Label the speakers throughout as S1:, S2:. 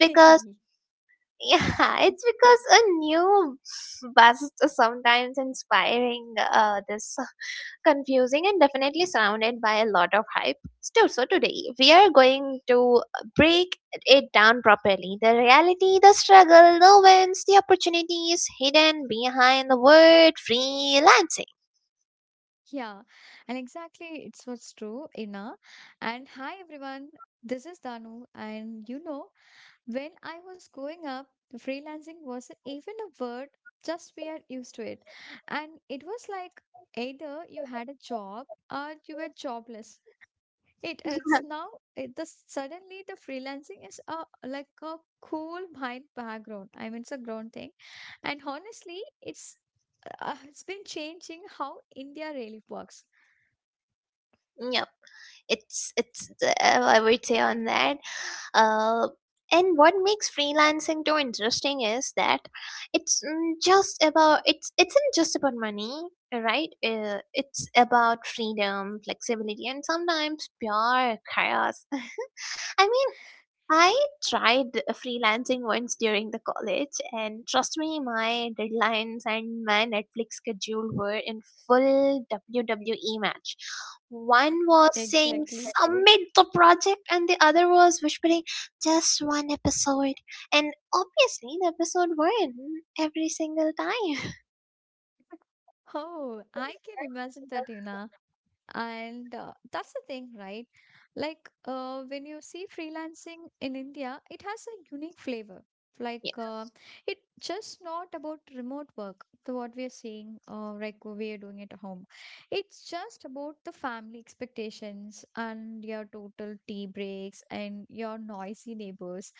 S1: Yeah, and Exactly, it's what's true, Ina. And hi, everyone. This is Danu. And you know, when I was growing up, freelancing wasn't even a word, just we are used to it. And it was like either you had a job or you were jobless. It is now the suddenly the freelancing is a like a cool behind background. I mean, it's a ground thing. And honestly, it's been changing how India really works. Exactly. Oh, I can imagine that, you know. And that's the thing, right? Like, when you see freelancing in India, it has a unique flavor. Like, it's just not about remote work, the what we are seeing, like we are doing at home. It's just about the family expectations and your total tea breaks and your noisy neighbors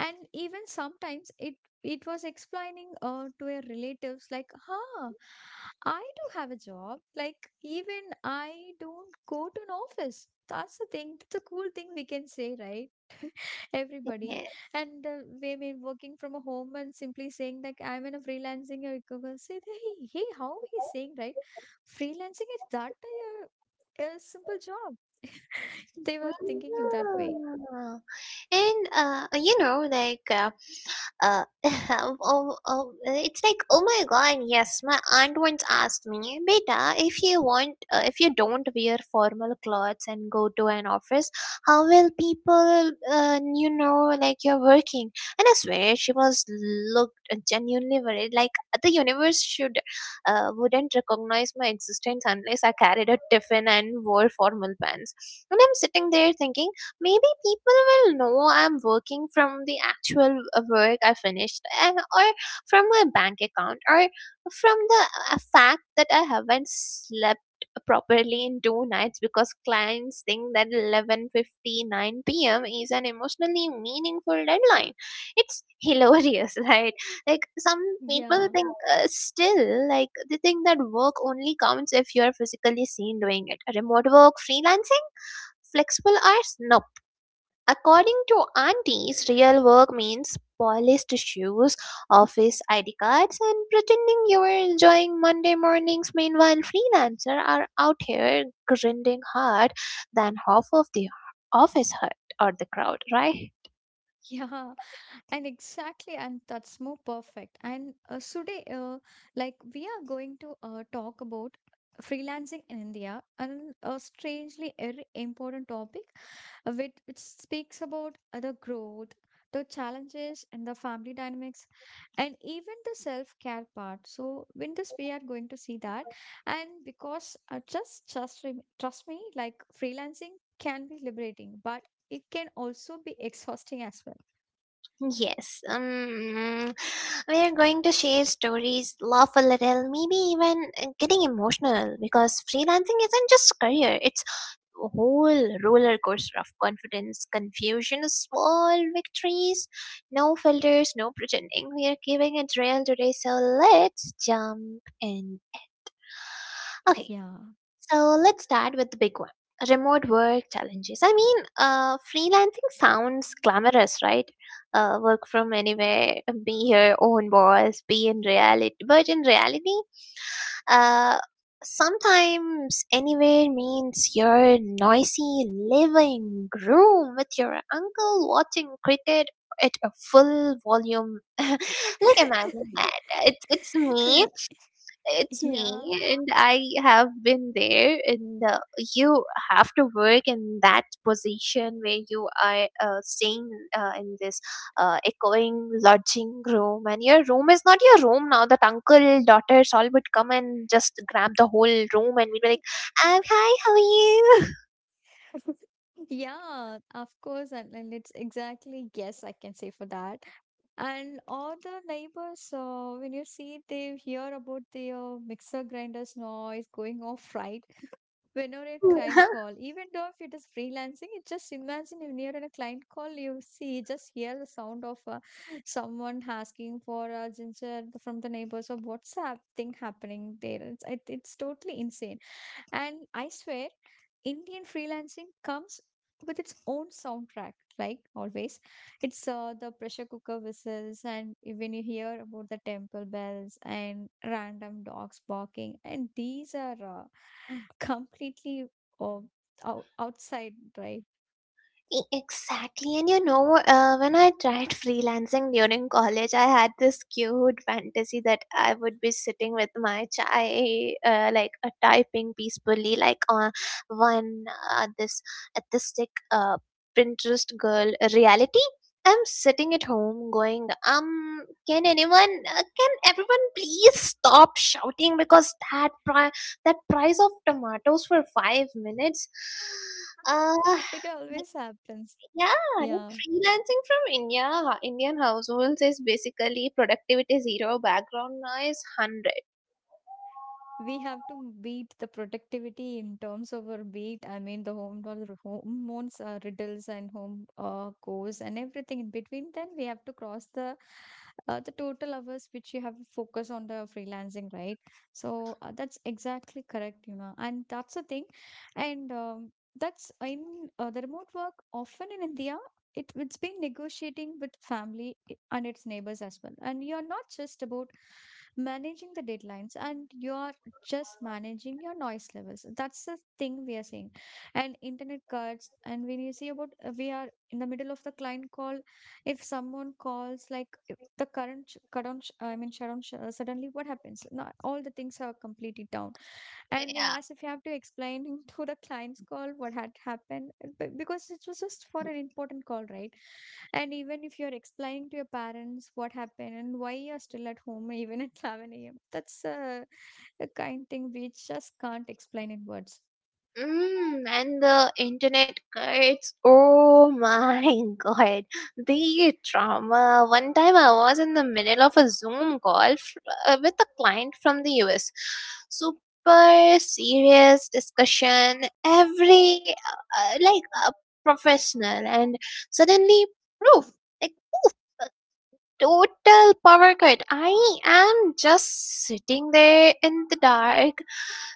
S1: and even sometimes it was explaining to her relatives like huh, I do have a job, like even I don't go to an office. That's the thing, that's a cool thing we can say, right? Everybody. And we may working from a home and simply saying like I'm in a freelancing say hey, hey, how he's saying, right? Freelancing is that a simple job. They were thinking in that way. Yeah. Yeah, and Exactly, and that's more perfect. And today, like we are going to talk about freelancing in India, and a strangely very important topic, which speaks about the growth, the challenges, and the family dynamics, and even the self-care part. So, in this, we are going to see that, and because trust me, like freelancing can be liberating, but it can also be exhausting as well.
S2: Yes, we are going to share stories, laugh a little, maybe even getting emotional because freelancing isn't just a career, it's a whole roller coaster of confidence, confusion, small victories, no filters, no pretending. We are giving it real today, so let's jump in. Okay,
S1: Yeah.
S2: so let's start with the big one, remote work challenges. I mean, freelancing sounds glamorous, right? Work from anywhere, be your own boss, be in reality. But in reality, uh, sometimes anywhere means your noisy living room with your uncle watching cricket at a full volume. Like, imagine that. It's, it's me it's me
S1: Yeah.
S2: and I have been there, and you have to work in that position where you are staying in this echoing lodging room, and your room is not your room now. That uncle daughters all would come and just grab the whole room, and we'd be like, hi, how are you?
S1: Yeah, of course. And it's exactly yes, I can say for that. And all the neighbors, when you see they hear about the mixer grinders noise going off, right? Whenever a client call, even though if it is freelancing, it just imagine if you're in a client call, you see just hear the sound of someone asking for a ginger from the neighbors or what's that thing happening there. It's totally insane. And I swear Indian freelancing comes with its own soundtrack, like always. It's the pressure cooker whistles, and when you hear about the temple bells and random dogs barking, and these are completely uh, outside, right?
S2: E- Exactly. And you know, when I tried freelancing during college, I had this cute fantasy that I would be sitting with my chai, typing peacefully, like on one this artistic Pinterest girl reality. I'm sitting at home going, can can everyone please stop shouting because that price of tomatoes for 5 minutes, uh,
S1: It always happens.
S2: yeah, like
S1: Yeah.
S2: freelancing from India, Indian households is basically productivity zero, background noise 100.
S1: We have to beat the productivity in terms of our beat. I mean, the home or the hormones, riddles, and home course, and everything in between. Then we have to cross the total hours which you have to focus on the freelancing, right? So that's exactly correct, you know, and that's the thing, and. That's in the remote work often in India it's been negotiating with family and its neighbors as well. And you're not just about managing the deadlines and you're just managing your noise levels. That's the thing we are saying. And internet cuts, and when you see about we are in the middle of the client call, if someone calls, like if the current sh- cut on, sh- I mean, suddenly what happens? Not all the things are completely down and he
S2: Yeah.
S1: if you have to explain him to the client's call what had happened, because it was just for an important call, right? And even if you're explaining to your parents what happened and why you're still at home even at 11 a.m., that's a kind thing we just can't explain in words.
S2: Mm, and the internet cuts. Oh my god. The trauma! One time I was in the middle of a Zoom call with a client from the US. Super serious discussion. Like, a professional. And suddenly, poof, total power cut. I am just sitting there in the dark,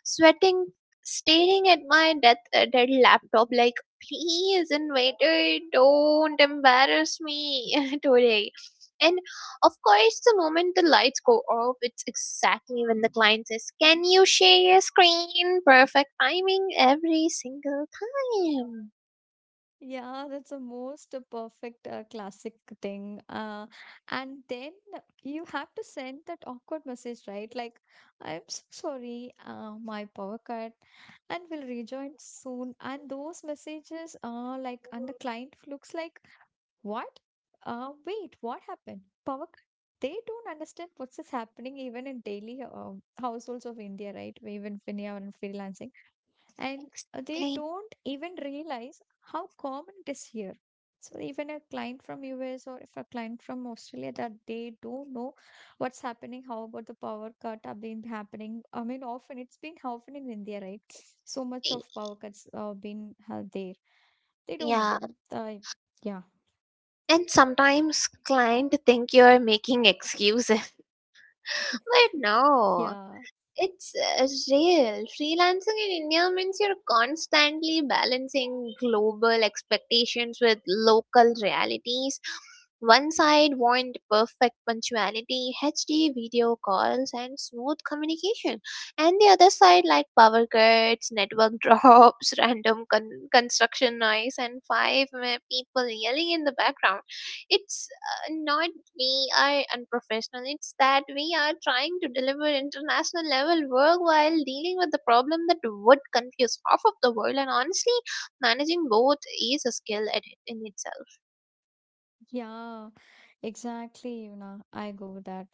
S2: sweating, staring at my dead laptop like, please, invader, don't embarrass me today. And of course, the moment the lights go off, it's exactly when the client says, "Can you share your screen?" Perfect timing every single time.
S1: Yeah, that's the most perfect classic thing. And then you have to send that awkward message, right? Like, I'm so sorry, my power cut, and will rejoin soon. And those messages are like, and the client looks like, what? Wait, what happened? Power cut. They don't understand what's is happening even in daily households of India, right? Even when you are in freelancing and they
S2: Exactly.
S1: don't even realize how common it is here, so even a client from us or if a client from Australia, that they don't know what's happening, how about the power cut have been happening, I mean, often it's been often in India, right? So much of power cuts been there, they don't know.
S2: Yeah.
S1: uh, yeah,
S2: And sometimes client think you're making excuses. But no,
S1: yeah,
S2: it's real. Freelancing in India means you're constantly balancing global expectations with local realities. One side want perfect punctuality, HD video calls, and smooth communication, and the other side like power cuts, network drops, random construction noise, and five people yelling in the background. It's not we are unprofessional. It's that we are trying to deliver international level work while dealing with the problem that would confuse half of the world. And honestly, managing both is a skill at it in itself.
S1: yeah, exactly, you know, I go with that.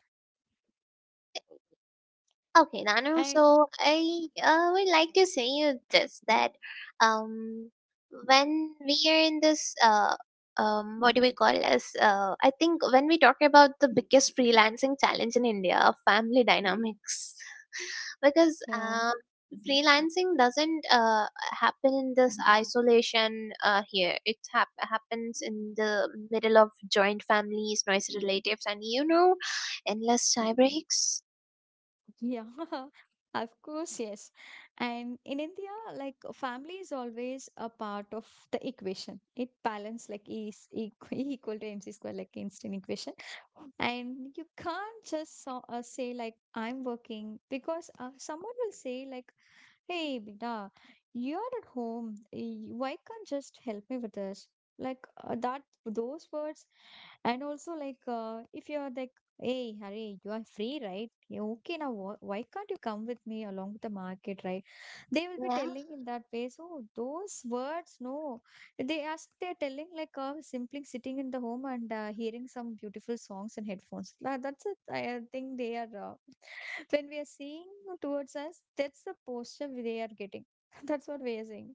S2: Okay, Nanu.
S1: I.
S2: So I would like to say you this that um when we are in this what do we call as I think when we talk about the biggest freelancing challenge in India, family dynamics, because
S1: Yeah.
S2: freelancing doesn't happen in this isolation here. It happens in the middle of joint families, noisy relatives, and you know, endless tie breaks.
S1: Yeah, of course, yes. And in India, like family is always a part of the equation. It balance like E is equal, equal to mc square, like instant equation. And you can't just so, say like I'm working because someone will say like hey, Bina, you're at home. Why can't just help me with this? Like those words, and also like if you're like, hey, hurry, you are free, right? Yeah, okay, now why can't you come with me along with the market, right? They will be
S2: Yeah.
S1: telling in that way. So those words, no, they ask. They're telling like simply sitting in the home and hearing some beautiful songs in headphones. That's it. I think they are. When we are seeing towards us, that's the posture they are getting. That's what we are saying.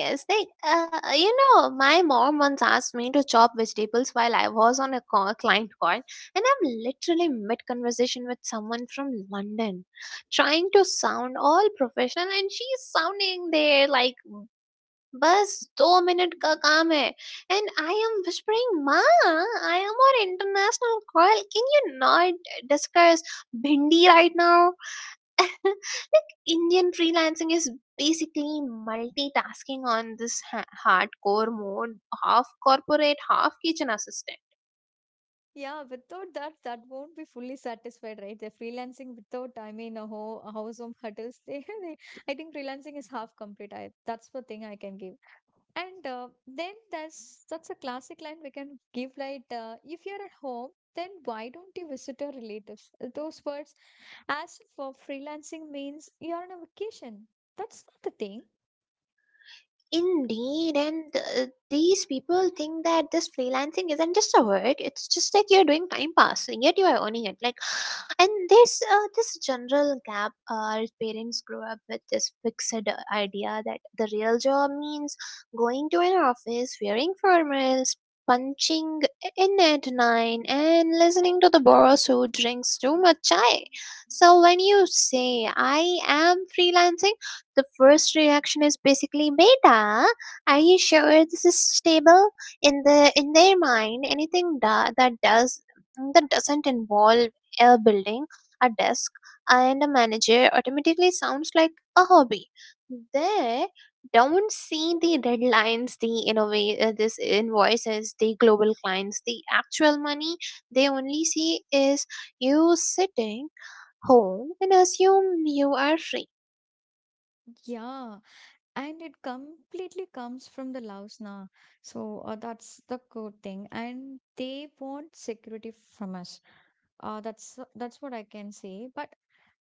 S2: Yes, like you know, my mom once asked me to chop vegetables while I was on a client call, and I'm literally mid conversation with someone from London, trying to sound all professional, and she's sounding there like, "बस दो minute का काम है," and I am whispering, "Ma, I am on international call. Can you not discuss bhindi right now?" Like Indian freelancing is basically multitasking on this hardcore mode, half corporate, half kitchen assistant.
S1: Yeah, without that, that won't be fully satisfied, right? They're freelancing without, I mean, a house home hurdles. I think freelancing is half complete. I, that's the thing I can give. And then there's that's a classic line we can give, like, if you're at home, then why don't you visit your relatives? Those words, as for freelancing means you're on a vacation. That's not the thing.
S2: Indeed, and these people think that this freelancing isn't just a work; it's just like you're doing time passing, yet you are earning it. Like, and there's this general gap. Our parents grew up with this fixed idea that the real job means going to an office, wearing formals, punching in at nine, and listening to the boss who drinks too much chai. So when you say I am freelancing, the first reaction is basically, beta, are you sure this is stable? In the in their mind, anything that doesn't involve a building, a desk, and a manager automatically sounds like a hobby. They don't see the deadlines, the innova- this invoices, the global clients, the actual money. They only see is you sitting home and assume you are free.
S1: Yeah, and it completely comes from the loves now, so that's the good thing and they want security from us. That's what I can say, but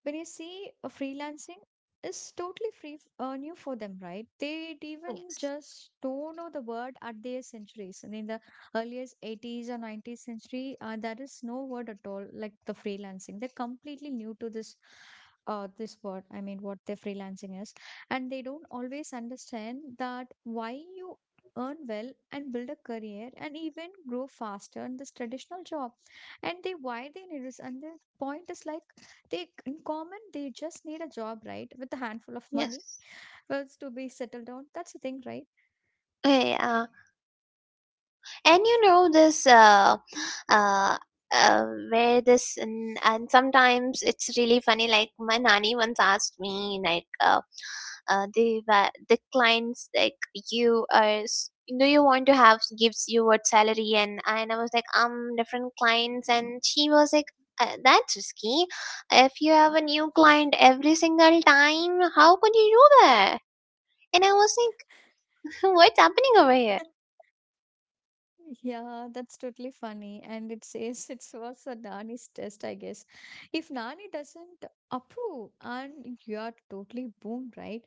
S1: when you see a freelancing is totally new for them, right? They even
S2: Yes.
S1: just don't know the word at their centuries, and in the earliest 80's or 90th century, there is no word at all like the freelancing. They're completely new to this this word, I mean what the freelancing is. And they don't always understand that why you earn well and build a career and even grow faster in this traditional job, and they why they need this, and the point is like they, in common, they just need a job, right? With a handful of
S2: Yes.
S1: money, bills to be settled on. That's the thing, right?
S2: Yeah, and you know this uh, uh, where this and sometimes it's really funny. Like my nanny once asked me, like, the clients like you are. s- do you want to have gives you what salary? And I was like, different clients. And she was like, that's risky. If you have a new client every single time, how could you do that? And I was like, what's happening over here?
S1: Yeah, that's totally funny. And it says it's was a Nani's test, I guess. If Nani doesn't approve, and you are totally boomed, right?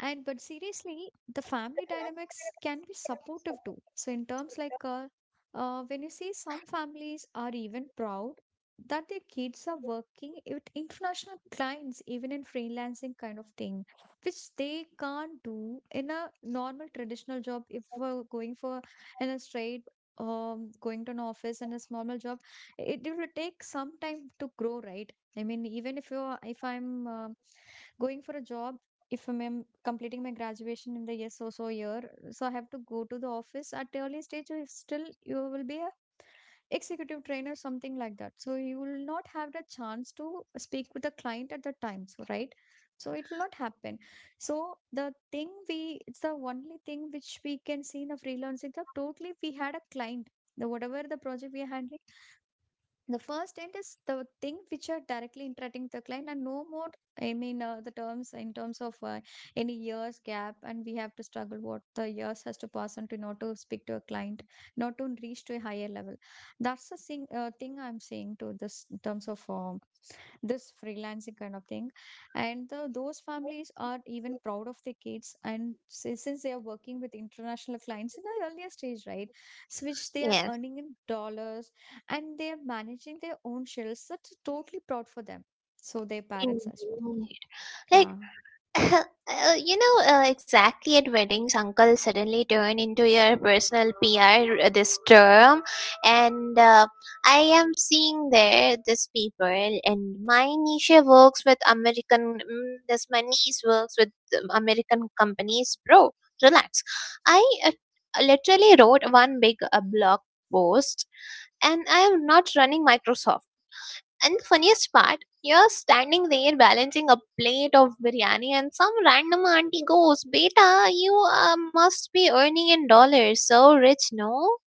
S1: And but seriously the family dynamics can be supportive too, so in terms like when you see some families are even proud that their kids are working with international clients even in freelancing kind of thing, which they can't do in a normal traditional job if we're going for in a straight going to an office and a normal job. It will take some time to grow, right? I mean, even if you are, if I'm going for a job, if I'm completing my graduation in the yes so so year, so I have to go to the office at the early stage, you still you will be a executive trainer something like that, so you will not have the chance to speak with the client at the time so right, so it will not happen. So the thing we it's the only thing which we can see in the freelancing that totally we had a client, the whatever the project we are handling, the first end is the thing which are directly interacting with the client and no more, I mean, the terms in terms of any years gap and we have to struggle what the years has to pass on to not to speak to a client, not to reach to a higher level. That's the thing, thing I'm saying to this in terms of this freelancing kind of thing, and the, those families are even proud of their kids and since they are working with international clients in the earlier stage, right? So which they are
S2: Yes,
S1: earning in dollars and they are managing their own shells, that's totally proud for them, so their parents as well.
S2: indeed. Like,
S1: Yeah.
S2: You know, exactly at weddings, uncle suddenly turn into your personal PR r- this term, and I am seeing there this people, and my niece works with American. Mm, this my niece works with American companies, bro. Relax. I literally wrote one big blog post, and I am not running Microsoft. And the funniest part, you're standing there balancing a plate of biryani, and some random auntie goes, "Beta, you must be earning in dollars. So rich, no?"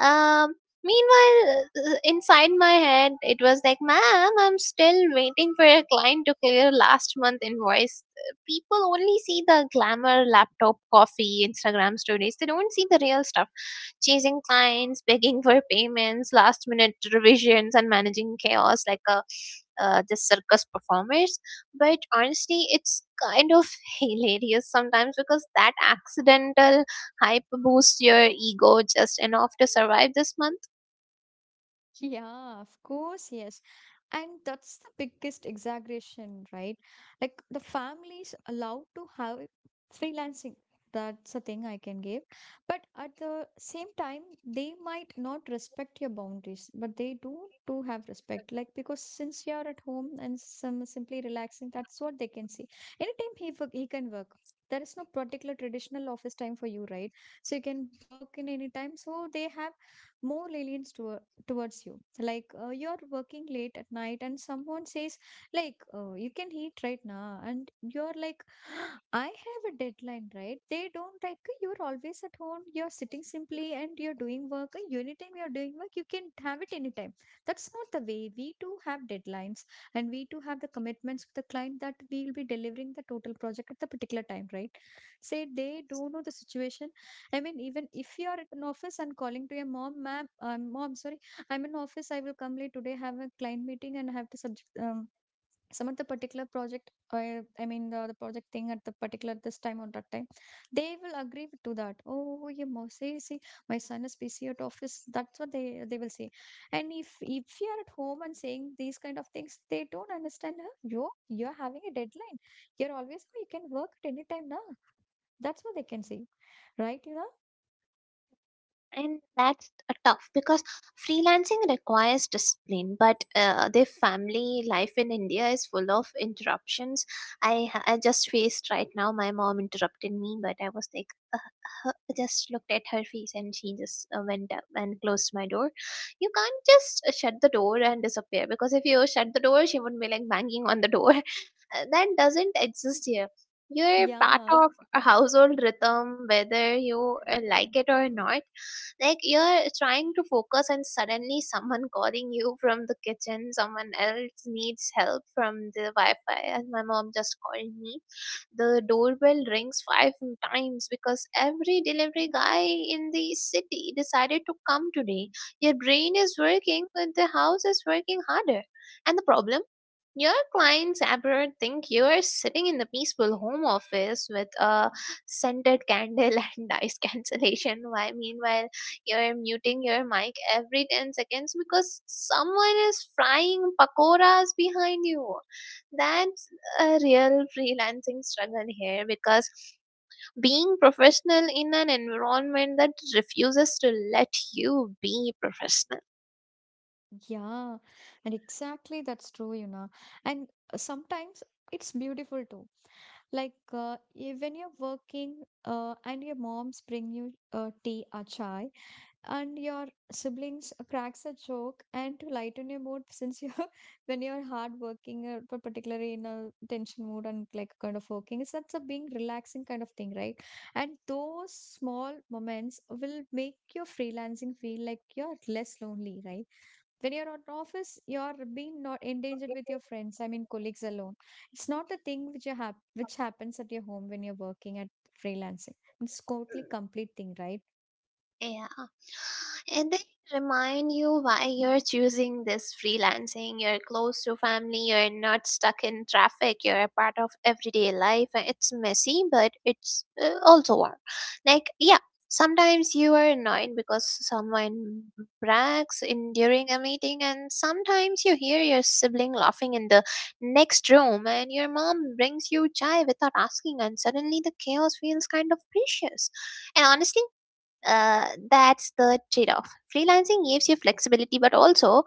S2: Um, Meanwhile, inside my head, it was like, "Ma'am, I'm still waiting for a client to clear last month invoice." People only see the glamour, laptop, coffee, Instagram stories. They don't see the real stuff: chasing clients, begging for payments, last minute revisions, and managing chaos like a just circus performers. But honestly, it's kind of hilarious sometimes because that accidental hype boosts your ego just enough to survive this month.
S1: Yeah, of course, yes. And that's the biggest exaggeration, right? Like the families allowed to have freelancing. That's a thing I can give. But at the same time, they might not respect your boundaries, but they do have respect. Like because since you're at home and some simply relaxing, that's what they can see. He can work. There is no particular traditional office time for you, right? So you can work in any time. So they have more lenience towards you. So, you're working late at night and someone says you can eat right now, and you're like I have a deadline, right? They don't like, you're always at home, you're sitting simply and you're doing work. Anytime you're doing work you can have it anytime. That's not the way. We too have deadlines, and we too have the commitments with the client that we will be delivering the total project at the particular time, right? Say, they don't know the situation. I mean, even if you are at an office and calling to your mom, ma'am, mom, sorry, I'm in office, I will come late today, have a client meeting, and have to subject, submit the particular project. I mean, the project thing at the particular this time or that time. They will agree to that. Oh, you must say, see, my son is busy at office. That's what they will say. And if you are at home and saying these kind of things, they don't understand. Huh? You're having a deadline. You're always, oh, you can work at any time now. That's what they can say, right?
S2: And that's a tough because freelancing requires discipline, but their family life in India is full of interruptions. I just faced right now, my mom interrupted me, but I was like, uh, just looked at her face, and she just went up and closed my door. You can't just shut the door and disappear, because if you shut the door, she would be like banging on the door. That doesn't exist here. You're part
S1: Yeah.
S2: of a household rhythm whether you like it or not. Like, you're trying to focus, and suddenly someone calling you from the kitchen, someone else needs help from the wi-fi, and my mom just called me. The doorbell rings five times because every delivery guy in the city decided to come today. Your brain is working, but the house is working harder. And the problem, your clients abroad think you are sitting in the peaceful home office with a scented candle and noise cancellation. Why, meanwhile, you're muting your mic every 10 seconds because someone is frying pakoras behind you. That's a real freelancing struggle here because being professional in an environment that refuses to let you be professional.
S1: Yeah, and exactly that's true, you know. And sometimes it's beautiful too. Like when you're working and your moms bring you tea or chai, and your siblings cracks a joke, and to lighten your mood since you're when you're hard working or particularly in a tension mood and like kind of working, is that's a being relaxing kind of thing, right? And those small moments will make your freelancing feel like you're less lonely, right? When you're out in office you're being not endangered with your friends, I mean colleagues, alone. It's not the thing which you have, which happens at your home when you're working at freelancing. It's totally complete thing, right?
S2: Yeah. And they remind you why you're choosing this freelancing. You're close to family, you're not stuck in traffic, you're a part of everyday life, and it's messy, but it's also warm. Like, yeah, sometimes you are annoyed because someone brags in during a meeting, and sometimes you hear your sibling laughing in the next room, and your mom brings you chai without asking, and suddenly the chaos feels kind of precious. And honestly, that's the trade off. Freelancing gives you flexibility but also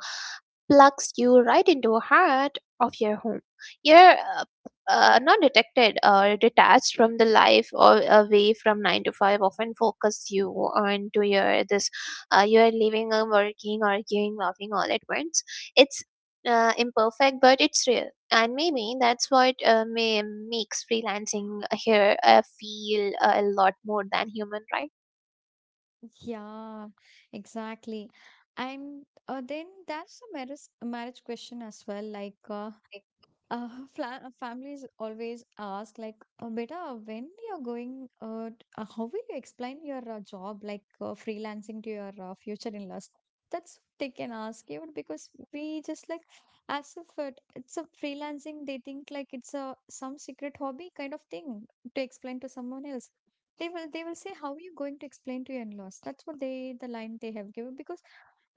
S2: plugs you right into the heart of your home. You're not detected or detached from the life or away from 9 to 5, often focus you on to your this you're living and working, arguing, laughing all at once. It's imperfect, but it's real, and maybe that's what makes freelancing here feel a lot more than human, right?
S1: Yeah, exactly. And then that's a marriage question as well. Uh, Families always ask like, "Beta, when you're going, how will you explain your job, like freelancing to your future in-laws?" That's what they can ask you, because we just like, as if it's a freelancing, they think like it's a some secret hobby kind of thing to explain to someone else. They will say, "How are you going to explain to your in-laws?" That's what they, the line they have given, because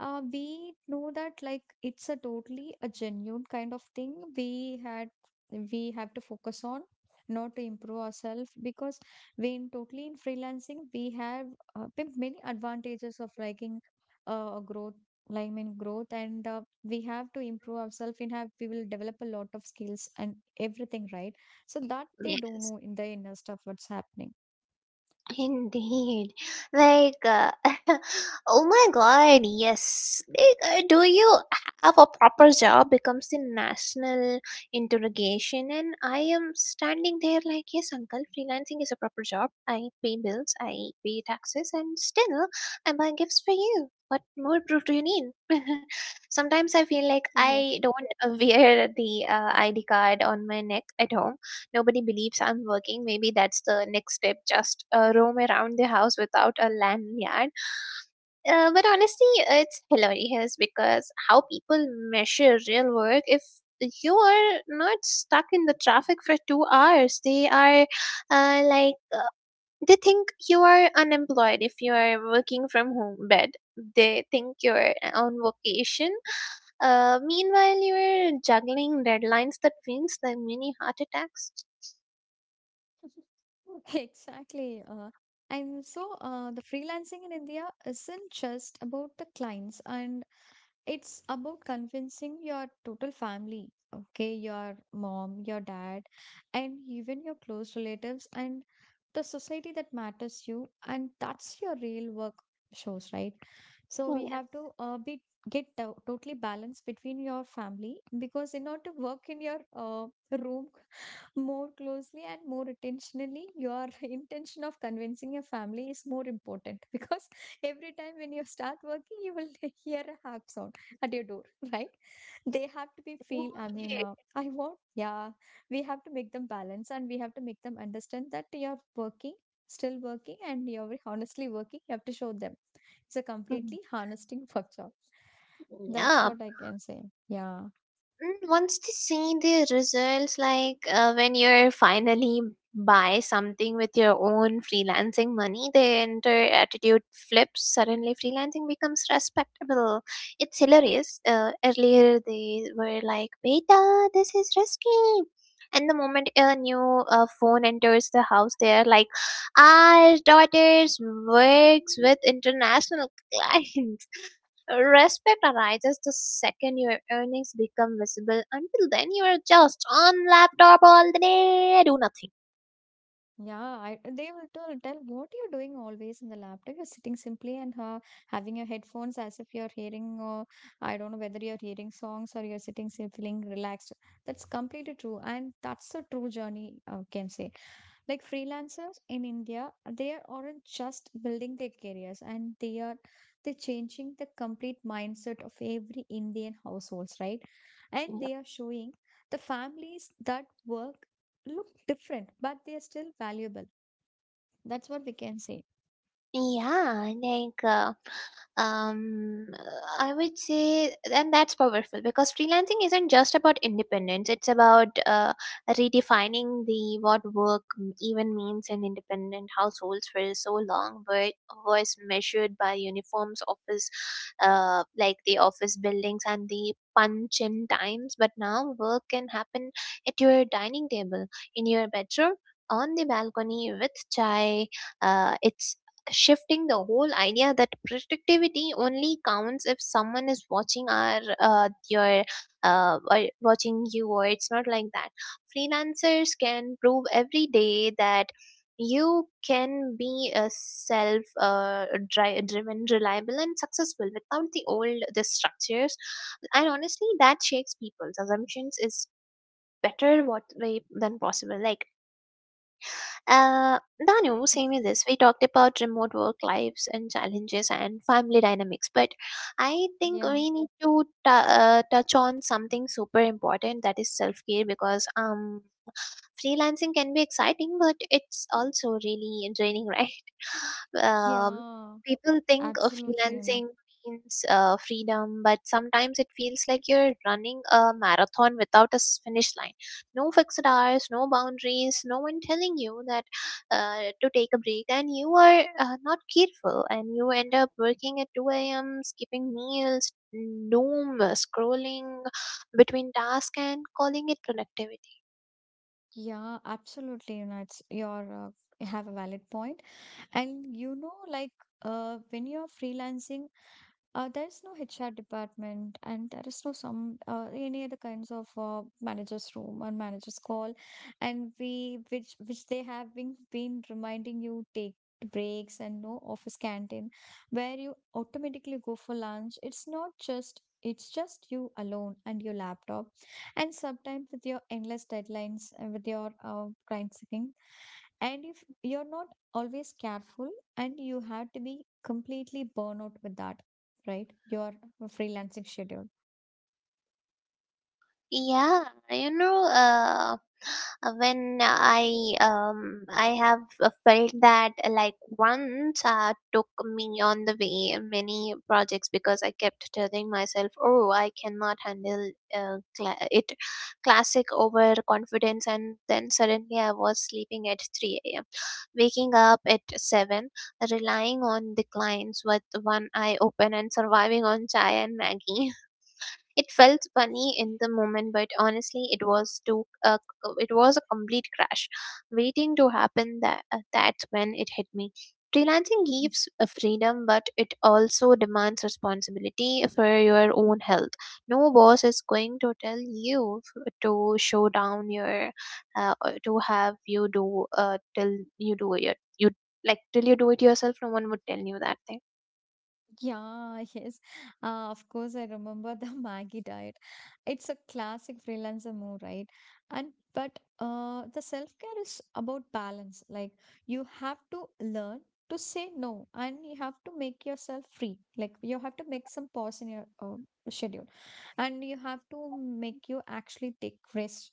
S1: we know that like it's a totally a genuine kind of thing. We had we have to focus on not to improve ourselves, because we in totally in freelancing we have been many advantages of liking growth, like I mean growth, and we have to improve ourselves in have we will develop a lot of skills and everything, right? So that they don't
S2: Yes,
S1: know in the inner stuff what's happening.
S2: indeed. Like, oh my god, yes. Like, do you have a proper job? Becomes the national interrogation. And I am standing there like, yes, uncle, freelancing is a proper job. I pay bills, I pay taxes, and still I buy gifts for you. What more proof do you need? Sometimes I feel like
S1: Yeah.
S2: I don't wear the ID card on my neck at home. Nobody believes I'm working. Maybe that's the next step. Just roam around the house without a lanyard. But honestly, it's hilarious because how people measure real work if you are not stuck in the traffic for 2 hours. They are like, they think you are unemployed if you are working from home bed. They think you're on vacation. Meanwhile, you're juggling deadlines that feels like mini heart attacks.
S1: Exactly. And so the freelancing in India isn't just about the clients, and it's about convincing your total family, okay, your mom, your dad, and even your close relatives and the society that matters you, and that's your real work shows, right? So we
S2: Yes.
S1: have to be totally balanced between your family, because in order to work in your room more closely and more intentionally, your intention of convincing your family is more important, because every time when you start working you will hear a harp sound at your door right? They have to be feel, I mean
S2: Right.
S1: I want, yeah, we have to make them balance and we have to make them understand that you're working, still working, and you're honestly working. You have to show them it's a
S2: Mm.
S1: completely harnessing work job. That's
S2: Yeah.
S1: what I can say. Yeah.
S2: Mm, once they see the results, like when you're finally buy something with your own freelancing money, then their attitude flips. Suddenly, freelancing becomes respectable. It's hilarious. Earlier, they were like, "Beta, this is risky." And the moment a new phone enters the house, they are like, "Our daughters works with international clients." Respect arises the second your earnings become visible. Until then, you are just on laptop all the day, do nothing.
S1: Yeah, I, they will tell, tell what you're doing always in the laptop, you're sitting simply and having your headphones as if you're hearing, or I don't know whether you're hearing songs or you're sitting feeling relaxed. That's completely true, and that's a true journey I can say. Like freelancers in India, they are aren't just building their careers, and they are, they're changing the complete mindset of every Indian households, right? And they are showing the families that work look different, but they are still valuable. That's what we can say.
S2: Yeah, like um, I would say, and that's powerful because freelancing isn't just about independence. It's about redefining the what work even means in independent households for so long, but was measured by uniforms, office, like the office buildings and the punch in times. But now work can happen at your dining table, in your bedroom, on the balcony with chai. It's shifting the whole idea that productivity only counts if someone is watching our your, or watching you, or it's not like that. Freelancers can prove every day that you can be a self driven, reliable and successful without the old the structures, and honestly that shakes people's assumptions is better what way than possible, like uh, Danu, same with this. We talked about remote work lives and challenges and family dynamics, but I think
S1: Yeah.
S2: we need to touch on something super important, that is self care, because freelancing can be exciting but it's also really draining, right? um,
S1: Yeah,
S2: People think of
S1: absolutely, you know.
S2: freelancing means freedom, but sometimes it feels like you're running a marathon without a finish line. No fixed hours, no boundaries, no one telling you that to take a break, and you are not careful and you end up working at 2 a.m., skipping meals, doom scrolling between tasks and calling it productivity.
S1: Yeah, absolutely, you know, it's your you have a valid point. And you know, like when you're freelancing, there is no HR department, and there is no some any other kinds of manager's room or manager's call, and we which they have been reminding you take breaks, and no office canteen where you automatically go for lunch. It's not just, it's just you alone and your laptop, and sometimes with your endless deadlines and with your grind sucking. And if you're not always careful, and you have to be completely burnout with that, right? Your freelancing schedule.
S2: Yeah, you know, when I have felt that like once took me on the way many projects because I kept telling myself, oh, I cannot handle it, classic overconfidence, and then suddenly I was sleeping at 3 a.m., waking up at seven, relying on the clients with one eye open and surviving on chai and Maggie. It felt funny in the moment, but honestly, it was a complete crash, waiting to happen. That's when it hit me. Freelancing gives a freedom, but it also demands responsibility for your own health. No boss is going to tell you to show down your, or to have you do till you do it. You like till you do it yourself. No one would tell you that thing.
S1: Yeah, yes. Of course, I remember the Maggie diet. It's a classic freelancer move, right? And but the self-care is about balance. Like you have to learn to say no, and you have to make yourself free. Like you have to make some pause in your schedule, and you have to make you actually take rest.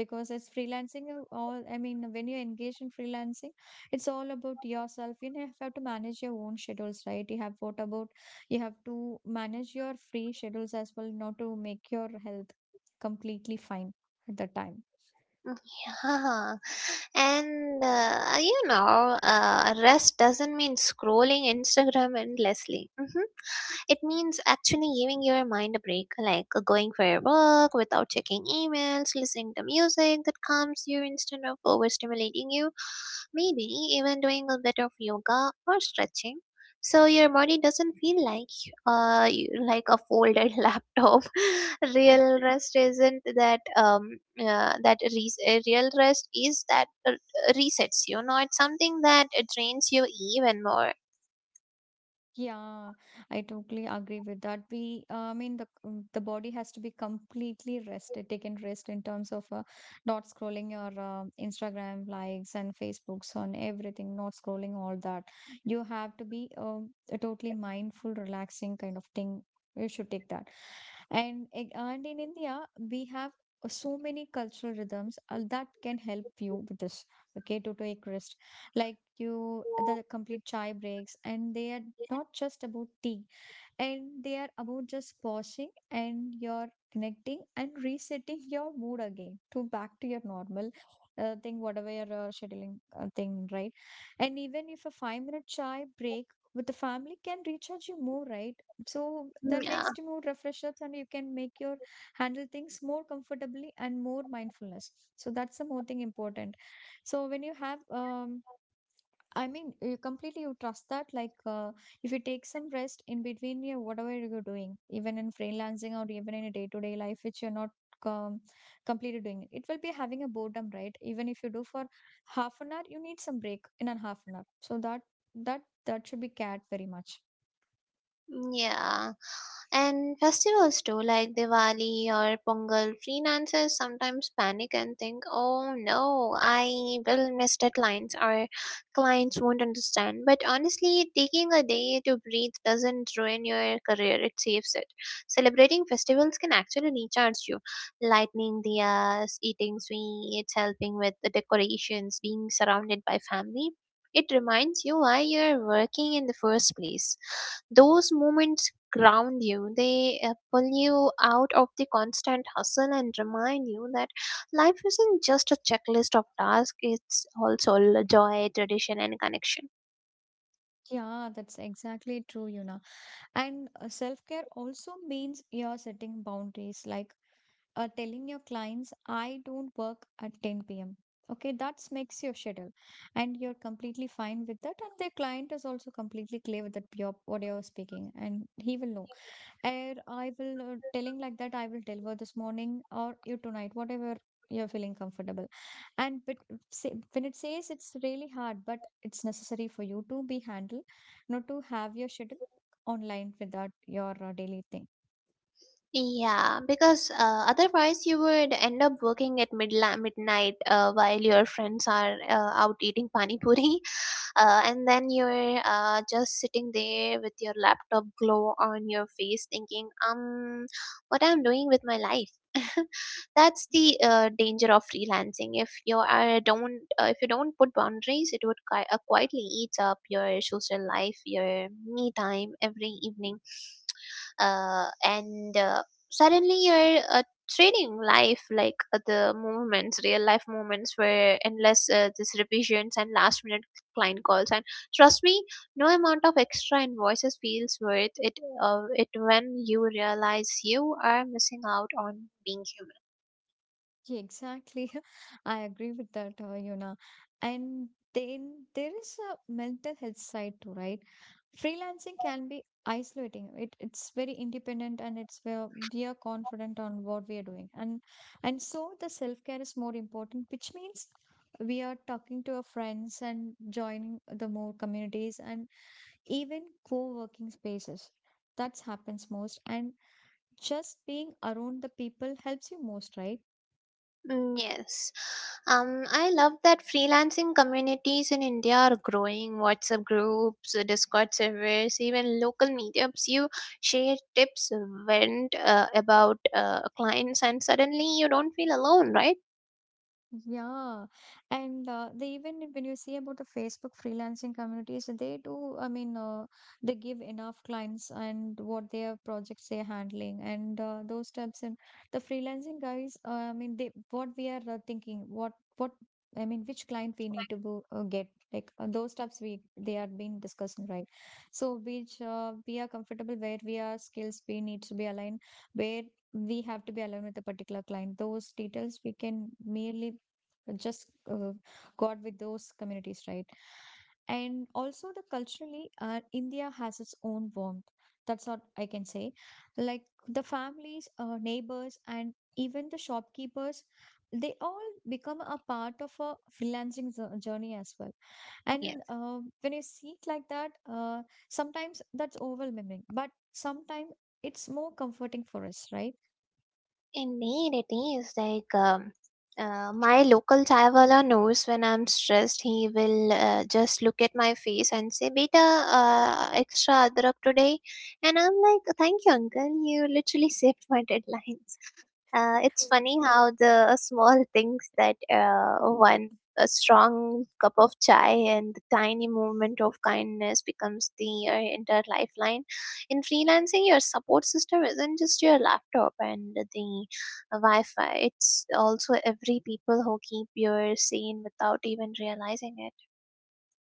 S1: Because it's freelancing, you all, I mean when you engage in freelancing, it's all about yourself, you know. You have to manage your own schedules, right? You have, what about, you have to manage your free schedules as well, not to make your health completely fine at the time.
S2: Yeah, and rest doesn't mean scrolling Instagram endlessly. It means actually giving your mind a break, like going for a walk without checking emails, listening to music that calms you instead of overstimulating you, maybe even doing a bit of yoga or stretching. So your body doesn't feel like like a folded laptop. Real rest isn't that Real rest is that resets you. Not something that drains you even more.
S1: Yeah, I totally agree with that. We, I mean, the body has to be completely rested, taken rest in terms of not scrolling your Instagram likes and Facebooks on everything, not scrolling all that. You have to be a totally mindful, relaxing kind of thing. You should take that. And and in India, we have so many cultural rhythms that can help you with this. Okay, to take rest, like you, the complete chai breaks, and they are not just about tea, and they are about just pausing, and you're connecting and resetting your mood again to back to your normal thing, whatever your scheduling thing, right? And even if a 5-minute minute chai break with the family can recharge you more, right? So the
S2: Mm. Yeah.
S1: next mood refresh ups, and you can make your handle things more comfortably and more mindfulness, so that's the more thing important. So when you have I mean, you completely you trust that. Like, if you take some rest in between, yeah, whatever you're doing, even in freelancing or even in a day to day life, which you're not um, completely doing, it will be having a boredom, right? Even if you do for half an hour, you need some break in a half an hour. So that that should be cared very much.
S2: Mm. Yeah. And festivals too, like Diwali or Pongal, freelancers sometimes panic and think, oh no, I will miss deadlines or clients won't understand. But honestly, taking a day to breathe doesn't ruin your career, it saves it. Celebrating festivals can actually recharge you. Lighting diyas, eating sweets, helping with the decorations, being surrounded by family. It reminds you why you're working in the first place. Those moments ground you. They pull you out of the constant hustle and remind you that life isn't just a checklist of tasks, it's also joy, tradition, and connection.
S1: Yeah, that's exactly true, Yuna. And self care also means you're setting boundaries, like telling your clients, I don't work at 10 p.m. Okay, that makes your schedule, and you're completely fine with that. And the client is also completely clear with that, your what you're speaking, and he will know, and I will telling like that I will deliver this morning or you tonight, whatever you're feeling comfortable. And but say, when it says it's really hard, but it's necessary for you to be handled, not to have your schedule online without your daily thing.
S2: Yeah, because otherwise you would end up working at midnight while your friends are out eating pani puri, and then you're just sitting there with your laptop glow on your face thinking, what I'm doing with my life. That's the danger of freelancing. If you are don't uh, if you don't put boundaries it would quietly eat up your social life, your me time every evening. And suddenly you're trading life, like the moments real life moments where endless, this revisions and last minute client calls, and trust me no amount of extra invoices feels worth it, it when you realize you are missing out on being human.
S1: Yeah, exactly. I agree with that, Yuna. And then there is a mental health side too, right? Freelancing can be isolating. It, it's very independent, and it's where we are confident on what we are doing. And so the self-care is more important, which means we are talking to our friends and joining the more communities and even co-working spaces. That happens most. And just being around the people helps you most, right?
S2: Mm. Yes. I love that freelancing communities in India are growing. WhatsApp groups, Discord servers, even local meetups. You share tips, vent about clients, and suddenly you don't feel alone, right?
S1: Yeah, and they, even when you see about the Facebook freelancing communities, they do. I mean, they give enough clients and what their projects they're handling and those types. And the freelancing guys, I mean, they what we are thinking, what I mean, which client we need to go get, like those stuffs we they are being discussing, right. So which we are comfortable where we are skills we need to be aligned where we have to be aligned with a particular client. Those details we can merely just got with those communities, right? And also the culturally, India has its own warmth. That's what I can say. Like the families, neighbors, and even the shopkeepers, they all become a part of a freelancing journey as well. And when you see it like that, sometimes that's overwhelming, but sometimes it's more comforting for us, right?
S2: Indeed, it is. Like my local chai wala knows when I'm stressed, he will just look at my face and say, "Beta, extra adrak today," and I'm like, "Thank you, uncle. You literally saved my deadline." It's funny how the small things, that one a strong cup of chai and the tiny movement of kindness becomes the entire lifeline. In freelancing, your support system isn't just your laptop and the Wi-Fi. It's also every people who keep you sane without even realizing it.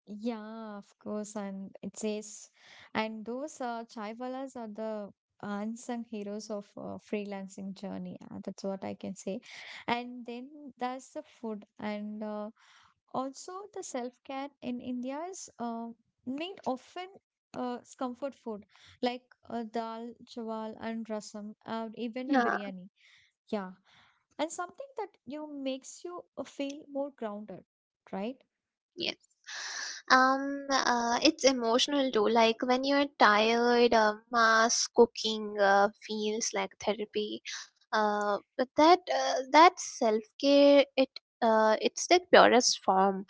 S1: Yeah, of course. And it says, and those chaiwalas are the unsung heroes of freelancing journey. That's what I can say. And then there's the food, and also the self-care in India is made often comfort food like dal, chawal, and rasam, even a
S2: Yeah.
S1: biryani. Yeah, and something that makes you feel more grounded, right?
S2: Yes. It's emotional too. Like when you're tired, mass cooking feels like therapy. But that self care, it's the purest form.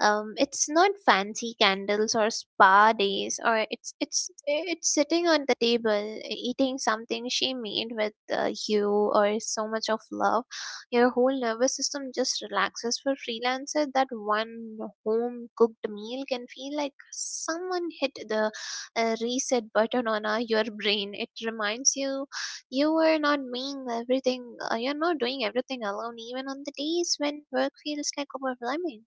S2: It's not fancy candles or spa days, or it's sitting on the table eating something she made with, you or so much of love, your whole nervous system just relaxes. For freelancer, that one home cooked meal can feel like someone hit the reset button on your brain. It reminds you you are not doing everything. You're not doing everything alone, even on the days when work feels like overwhelming.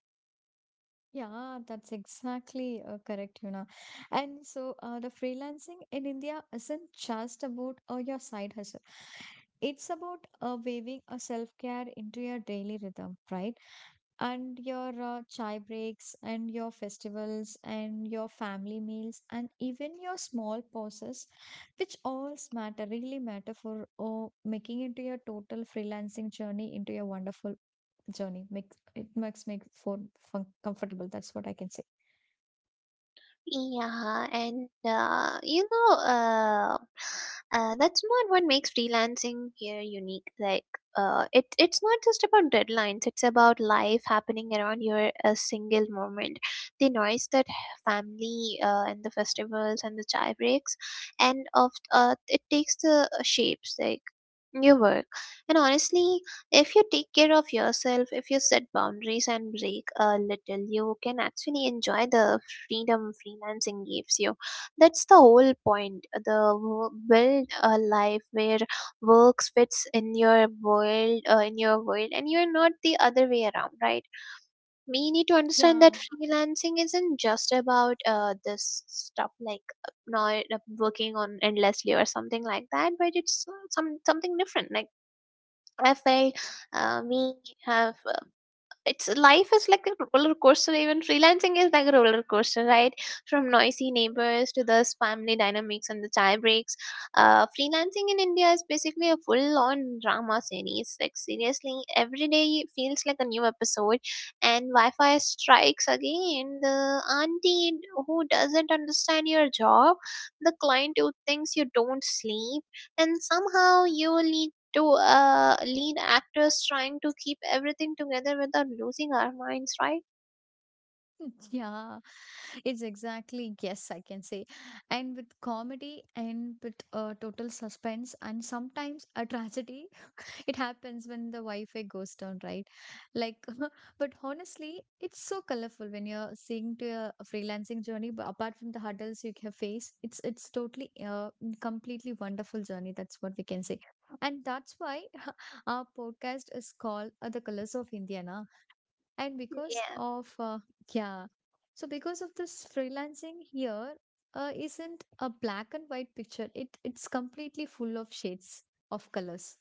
S1: Yeah, that's exactly correct, Yuna. And so the freelancing in India isn't just about your side hustle. It's about weaving a self-care into your daily rhythm, right? And your chai breaks and your festivals and your family meals and even your small pauses, which all matter, really matter for making into your total freelancing journey into your wonderful journey. Makes it makes make for fun comfortable. That's what I can say.
S2: Yeah, and that's not what makes freelancing here unique. Like, it's not just about deadlines. It's about life happening around your a single moment. The noise, that family, and the festivals and the chai breaks, and of it takes the shapes like your work. And honestly, if you take care of yourself, if you set boundaries and break a little, you can actually enjoy the freedom freelancing gives you. That's the whole point. Build a life where work fits in your world, and you're not the other way around, right? We need to understand that
S1: Yeah,
S2: freelancing isn't just about this stuff, like not working on endlessly or something like that, but it's something different. Like I felt we have it's life is like a roller coaster. Even freelancing is like a roller coaster, right? From noisy neighbors to the family dynamics and the chai breaks. Freelancing in India is basically a full-on drama series. Like seriously, every day feels like a new episode. And Wi-Fi strikes again. The auntie who doesn't understand your job, the client who thinks you don't sleep, and somehow you will need to lead actors trying to keep everything together without losing our minds, right?
S1: yeah, it's exactly yes, I can say. And with comedy and with total suspense and sometimes a tragedy, it happens when the Wi-Fi goes down, right? Like, but honestly, it's so colorful when you're seeing to your freelancing journey. But apart from the hurdles you can face, it's totally completely wonderful journey. That's what we can say, and that's why our podcast is called "The Colors of India." Na? And because
S2: Yeah.
S1: of yeah, so because of this freelancing here isn't a black and white picture. It's completely full of shades of colors.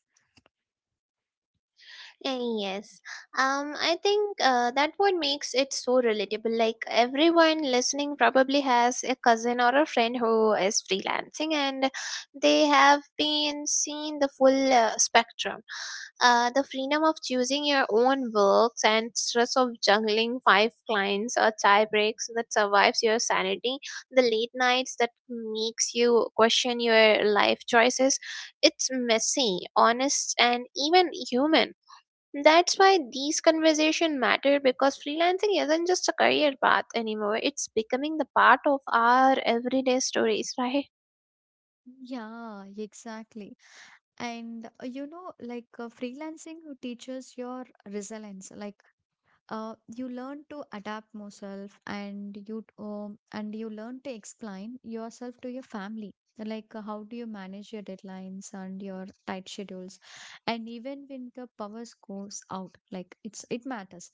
S2: Eh, yes. I think that what makes it so relatable. Like everyone listening probably has a cousin or a friend who is freelancing and they have been seeing the full spectrum. The freedom of choosing your own works and stress of juggling five clients or tie breaks that survives your sanity, the late nights that makes you question your life choices. It's messy, honest, and even human. That's why these conversations matter, because freelancing isn't just a career path anymore. It's becoming the part of our everyday stories, right?
S1: Yeah, exactly. And you know like freelancing teaches your resilience. Like you learn to adapt yourself, and you learn to explain yourself to your family, like how do you manage your deadlines and your tight schedules, and even when the powers goes out. Like it matters.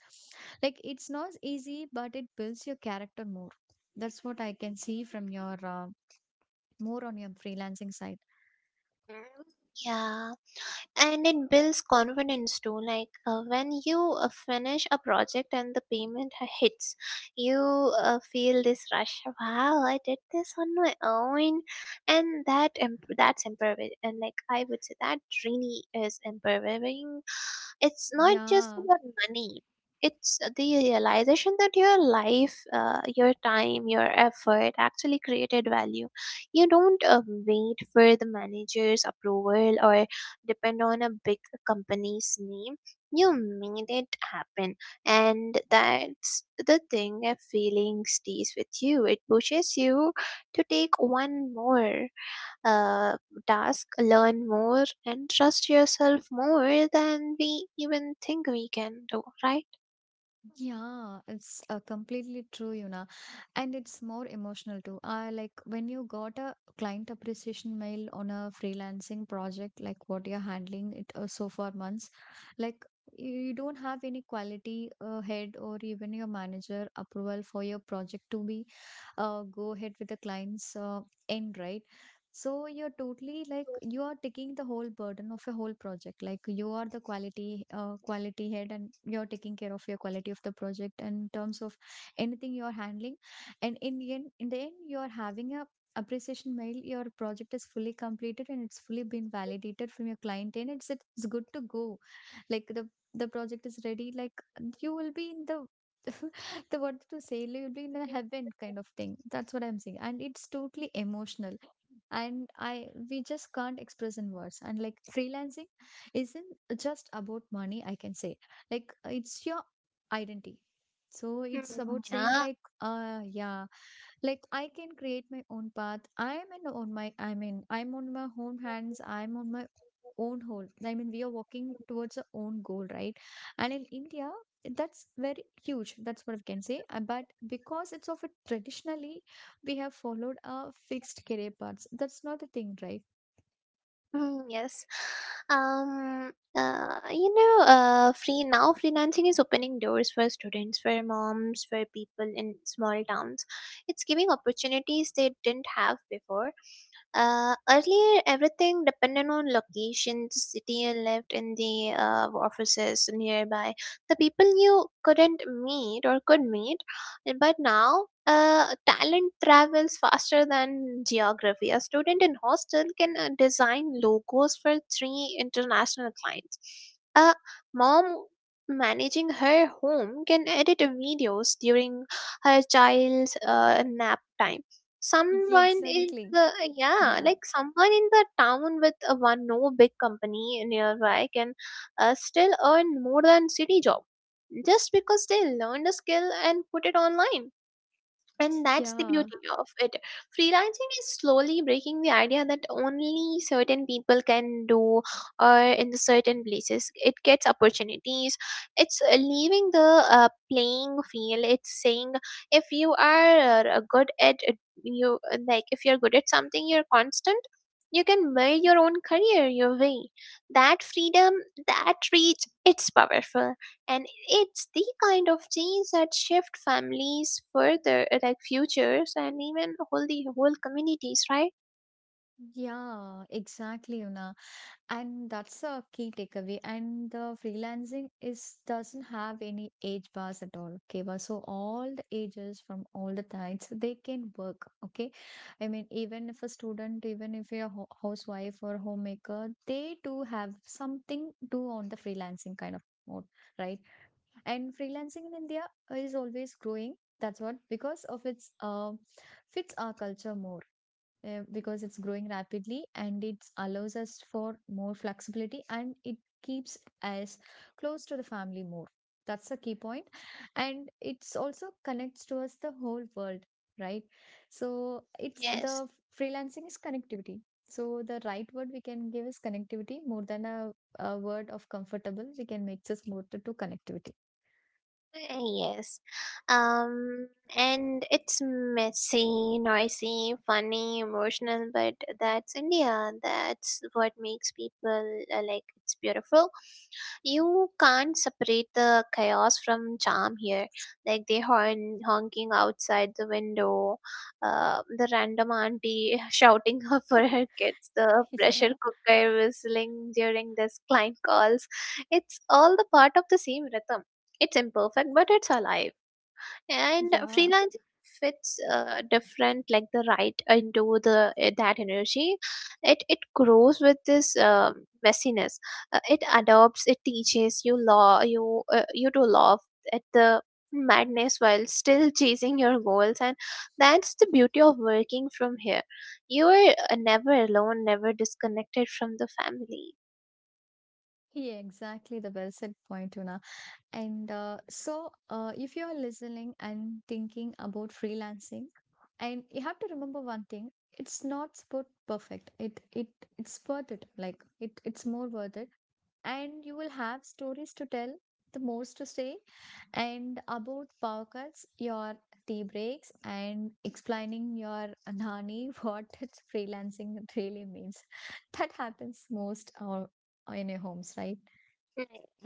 S1: Like it's not easy, but it builds your character more. That's what I can see from your more on your freelancing side.
S2: Mm. Yeah, and it builds confidence too, like when you finish a project and the payment hits, you feel this rush. Wow, I did this on my own, and that's empowering. And like I would say that really is empowering. It's not just
S1: Yeah.
S2: about money, it's the realization that your life, your time, your effort actually created value. You don't wait for the manager's approval or depend on a big company's name, you made it happen. And that's the thing, a feeling stays with you. It pushes you to take one more uh, task, learn more, and trust yourself more than we even think we can do, right?
S1: Yeah, it's completely true, you know. And it's more emotional too. Like when you got a client appreciation mail on a freelancing project, like what you're handling it so far months, like you don't have any quality head or even your manager approval for your project to be go ahead with the client's end, right? So you're totally like you are taking the whole burden of a whole project. Like you are the quality quality head, and you're taking care of your quality of the project in terms of anything you're handling. And in the end, you're having a appreciation mail, your project is fully completed, and it's fully been validated from your client, and it's good to go. Like the project is ready. Like you will be in the, the word to say, you'll be in the heaven kind of thing. That's what I'm saying, and it's totally emotional. And I we just can't express in words. And like freelancing isn't just about money, I can say. Like it's your identity. So it's about saying like yeah, like I can create my own path. I mean, I'm on my own hands, I'm on my own whole, I mean, we are walking towards our own goal, right? And in India, that's very huge. That's what I can say. But because it's of a traditionally we have followed a fixed career paths, that's not the thing, right?
S2: Mm, yes. Free Now freelancing is opening doors for students, for moms, for people in small towns. It's giving opportunities they didn't have before. Earlier, everything depended on location, the city you lived in, the offices nearby, the people you couldn't meet or could meet. And But now, talent travels faster than geography. A student in hostel can design logos for three international clients. A mom managing her home can edit videos during her child's nap time. Someone in
S1: Exactly.
S2: the yeah,
S1: Yeah,
S2: like someone in the town with a one no big company nearby can still earn more than city job just because they learned a skill and put it online. And that's the
S1: yeah,
S2: beauty of it. Freelancing is slowly breaking the idea that only certain people can do or in the certain places. It gets opportunities. It's leaving the playing field. It's saying if you are good at it, you like if you're good at something, you're constant. You can build your own career your way. That freedom, that reach, it's powerful and it's the kind of change that shift families further like futures and even whole the whole communities, right?
S1: yeah, exactly, Una. And that's a key takeaway. And the freelancing is doesn't have any age bars at all, okay? But so all the ages from all the types, they can work, okay? I mean, even if a student, even if you're a housewife or homemaker, they do have something do on the freelancing kind of mode, right? And freelancing in India is always growing. That's what because of its fits our culture more. Because it's growing rapidly, and it allows us for more flexibility, and it keeps us close to the family more. That's the key point. And it's also connects to us the whole world, right? So it's
S2: Yes.
S1: the freelancing is connectivity. So the right word we can give is connectivity more than a word of comfortable. We can make this more to connectivity.
S2: Uh, Yes. Um, and it's messy, noisy, funny, emotional, but that's India. That's what makes people like it's beautiful. You can't separate the chaos from charm here. Like they horn honking outside the window, the random auntie shouting for her kids, the pressure
S1: yeah,
S2: cooker whistling during this client calls. It's all the part of the same rhythm. It's imperfect, but it's alive. And
S1: yeah,
S2: freelancing fits different, like the right into the that energy. It grows with this messiness. It adopts. It teaches you law. You to love at the madness while still chasing your goals, and that's the beauty of working from here. You are never alone, never disconnected from the family.
S1: yeah, exactly the well said point, Una. And so, if you are listening and thinking about freelancing, and you have to remember one thing: it's not sport perfect. It it's worth it. Like it's more worth it. And you will have stories to tell, the most to say, and about power cuts, your tea breaks, and explaining your nani what it's freelancing really means. That happens most in your homes, right?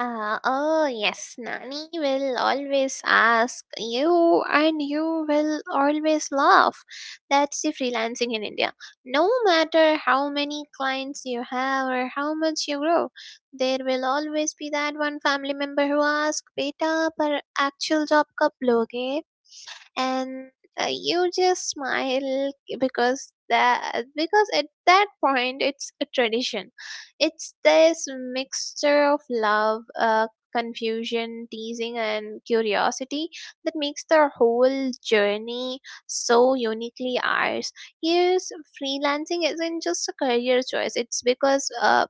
S2: Oh yes, Nani will always ask you, and you will always laugh. That's the freelancing in India. No matter how many clients you have or how much you grow, there will always be that one family member who asks, "Beta, पर actual job कब लोगे?" And you just smile because that because at that point it's a tradition. It's this mixture of love, confusion, teasing, and curiosity that makes the whole journey so uniquely ours. Here's, freelancing isn't just a career choice. It's because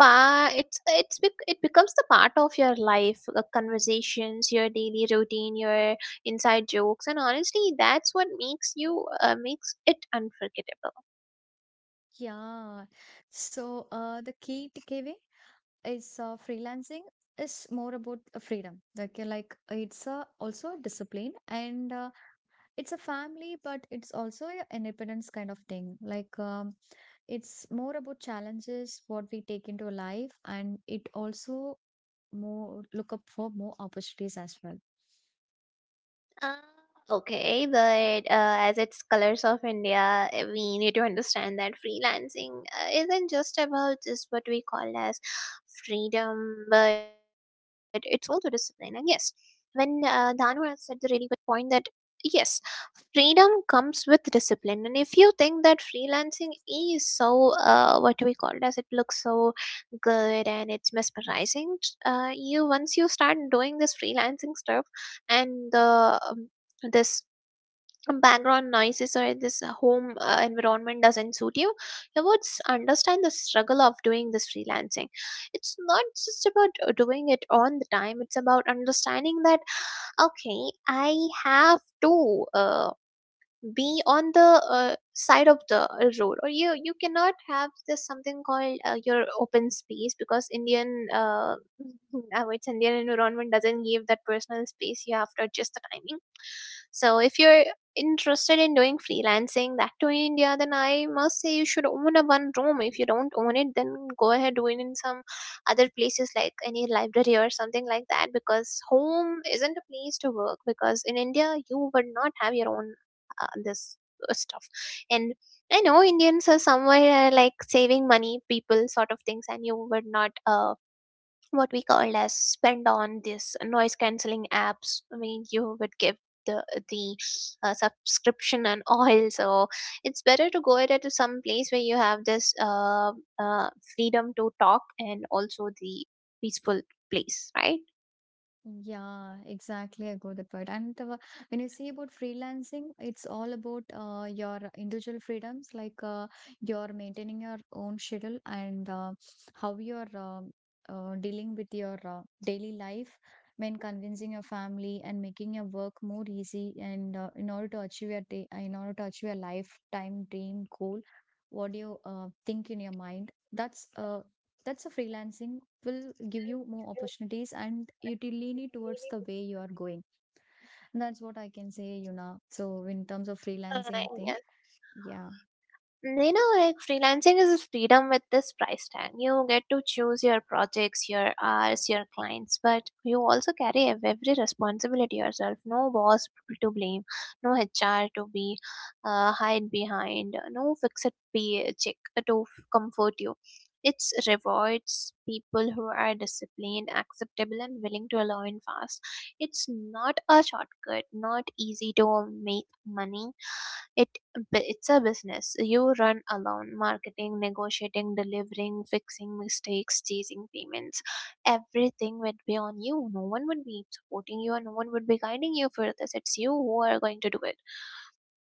S2: Pa, it's bec- it becomes the part of your life, the conversations, your daily routine, your inside jokes, and honestly, that's what makes it unforgettable.
S1: Yeah. So the key takeaway is freelancing is more about freedom. Like, it's also a discipline, and it's a family, but it's also an independence kind of thing. Like it's more about challenges, what we take into life, and it also more look up for more opportunities as well.
S2: Uh, okay, but as it's Colors of India, we need to understand that freelancing isn't just about this what we call as freedom, but it's also discipline. And yes, when Dhanwar said the really good point that yes, freedom comes with discipline. And if you think that freelancing is so what we call as it looks so good and it's mesmerizing, you once you start doing this freelancing stuff and the this background noises or this home environment doesn't suit you, you would understand the struggle of doing this freelancing. It's not just about doing it on the time. It's about understanding that okay, I have to be on the side of the road, or you cannot have this something called your open space, because indian our it's indian environment doesn't give that personal space. You have to adjust the timing. So if you're interested in doing freelancing, that to in India, then I must say you should own a one room. If you don't own it, then go ahead, do it in some other places like any library or something like that, because home isn't a place to work, because in India you would not have your own this stuff. And I know indians are somewhere like saving money people sort of things, and you would not what we call as spend on this noise cancelling apps. I mean, you would give the the subscription and all. So it's better to go ahead to some place where you have this uh, freedom to talk, and also the peaceful place, right?
S1: Yeah, exactly. I got the point. And the, when you see about freelancing, it's all about your individual freedoms, like you're maintaining your own schedule, and how you're dealing with your daily life, when convincing your family and making your work more easy, and in order to achieve your day, in order to achieve your lifetime dream goal, what do you think in your mind? That's a freelancing will give you more opportunities, and it will lean it towards the way you are going. And that's what I can say, you know. So in terms of freelancing thing,
S2: uh,
S1: yeah,
S2: you know, like freelancing is a freedom with this price tag. You get to choose your projects, your hours, your clients, but you also carry every responsibility yourself. No boss to blame, no HR to be hide behind, no fixed pay check to comfort you. It rewards people who are disciplined, acceptable, and willing to learn fast. It's not a shortcut, not easy to make money. It it's a business you run alone, marketing, negotiating, delivering, fixing mistakes, chasing payments. Everything would be on you. No one would be supporting you, and no one would be guiding you for this. It's you who are going to do it.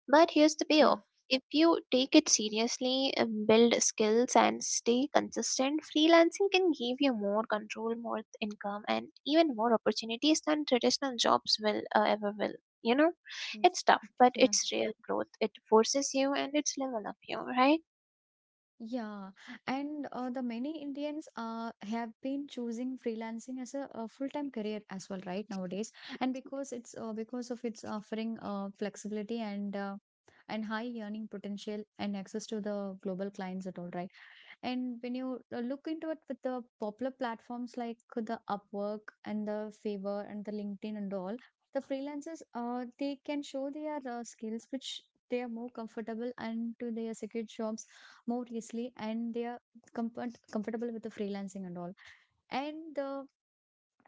S2: But here's the payoff.
S1: yeah.
S2: If you take it seriously, build skills, and stay consistent, freelancing can give you more control, more income, and even more opportunities than traditional jobs will ever will. You know,
S1: Yes,
S2: it's tough, but
S1: yeah,
S2: it's real growth. It forces you, and it's level up you, right?
S1: yeah, and the many Indians have been choosing freelancing as a full-time career as well, right nowadays. And
S2: Yes, yes.
S1: because it's because of its offering flexibility and high earning potential and access to the global clients at all, right? And when you look into it with the popular platforms like the Upwork and the Fiverr and the LinkedIn and all, the freelancers they can show their skills which they are more comfortable and to their secure jobs more easily, and they are comfortable with the freelancing and all. And the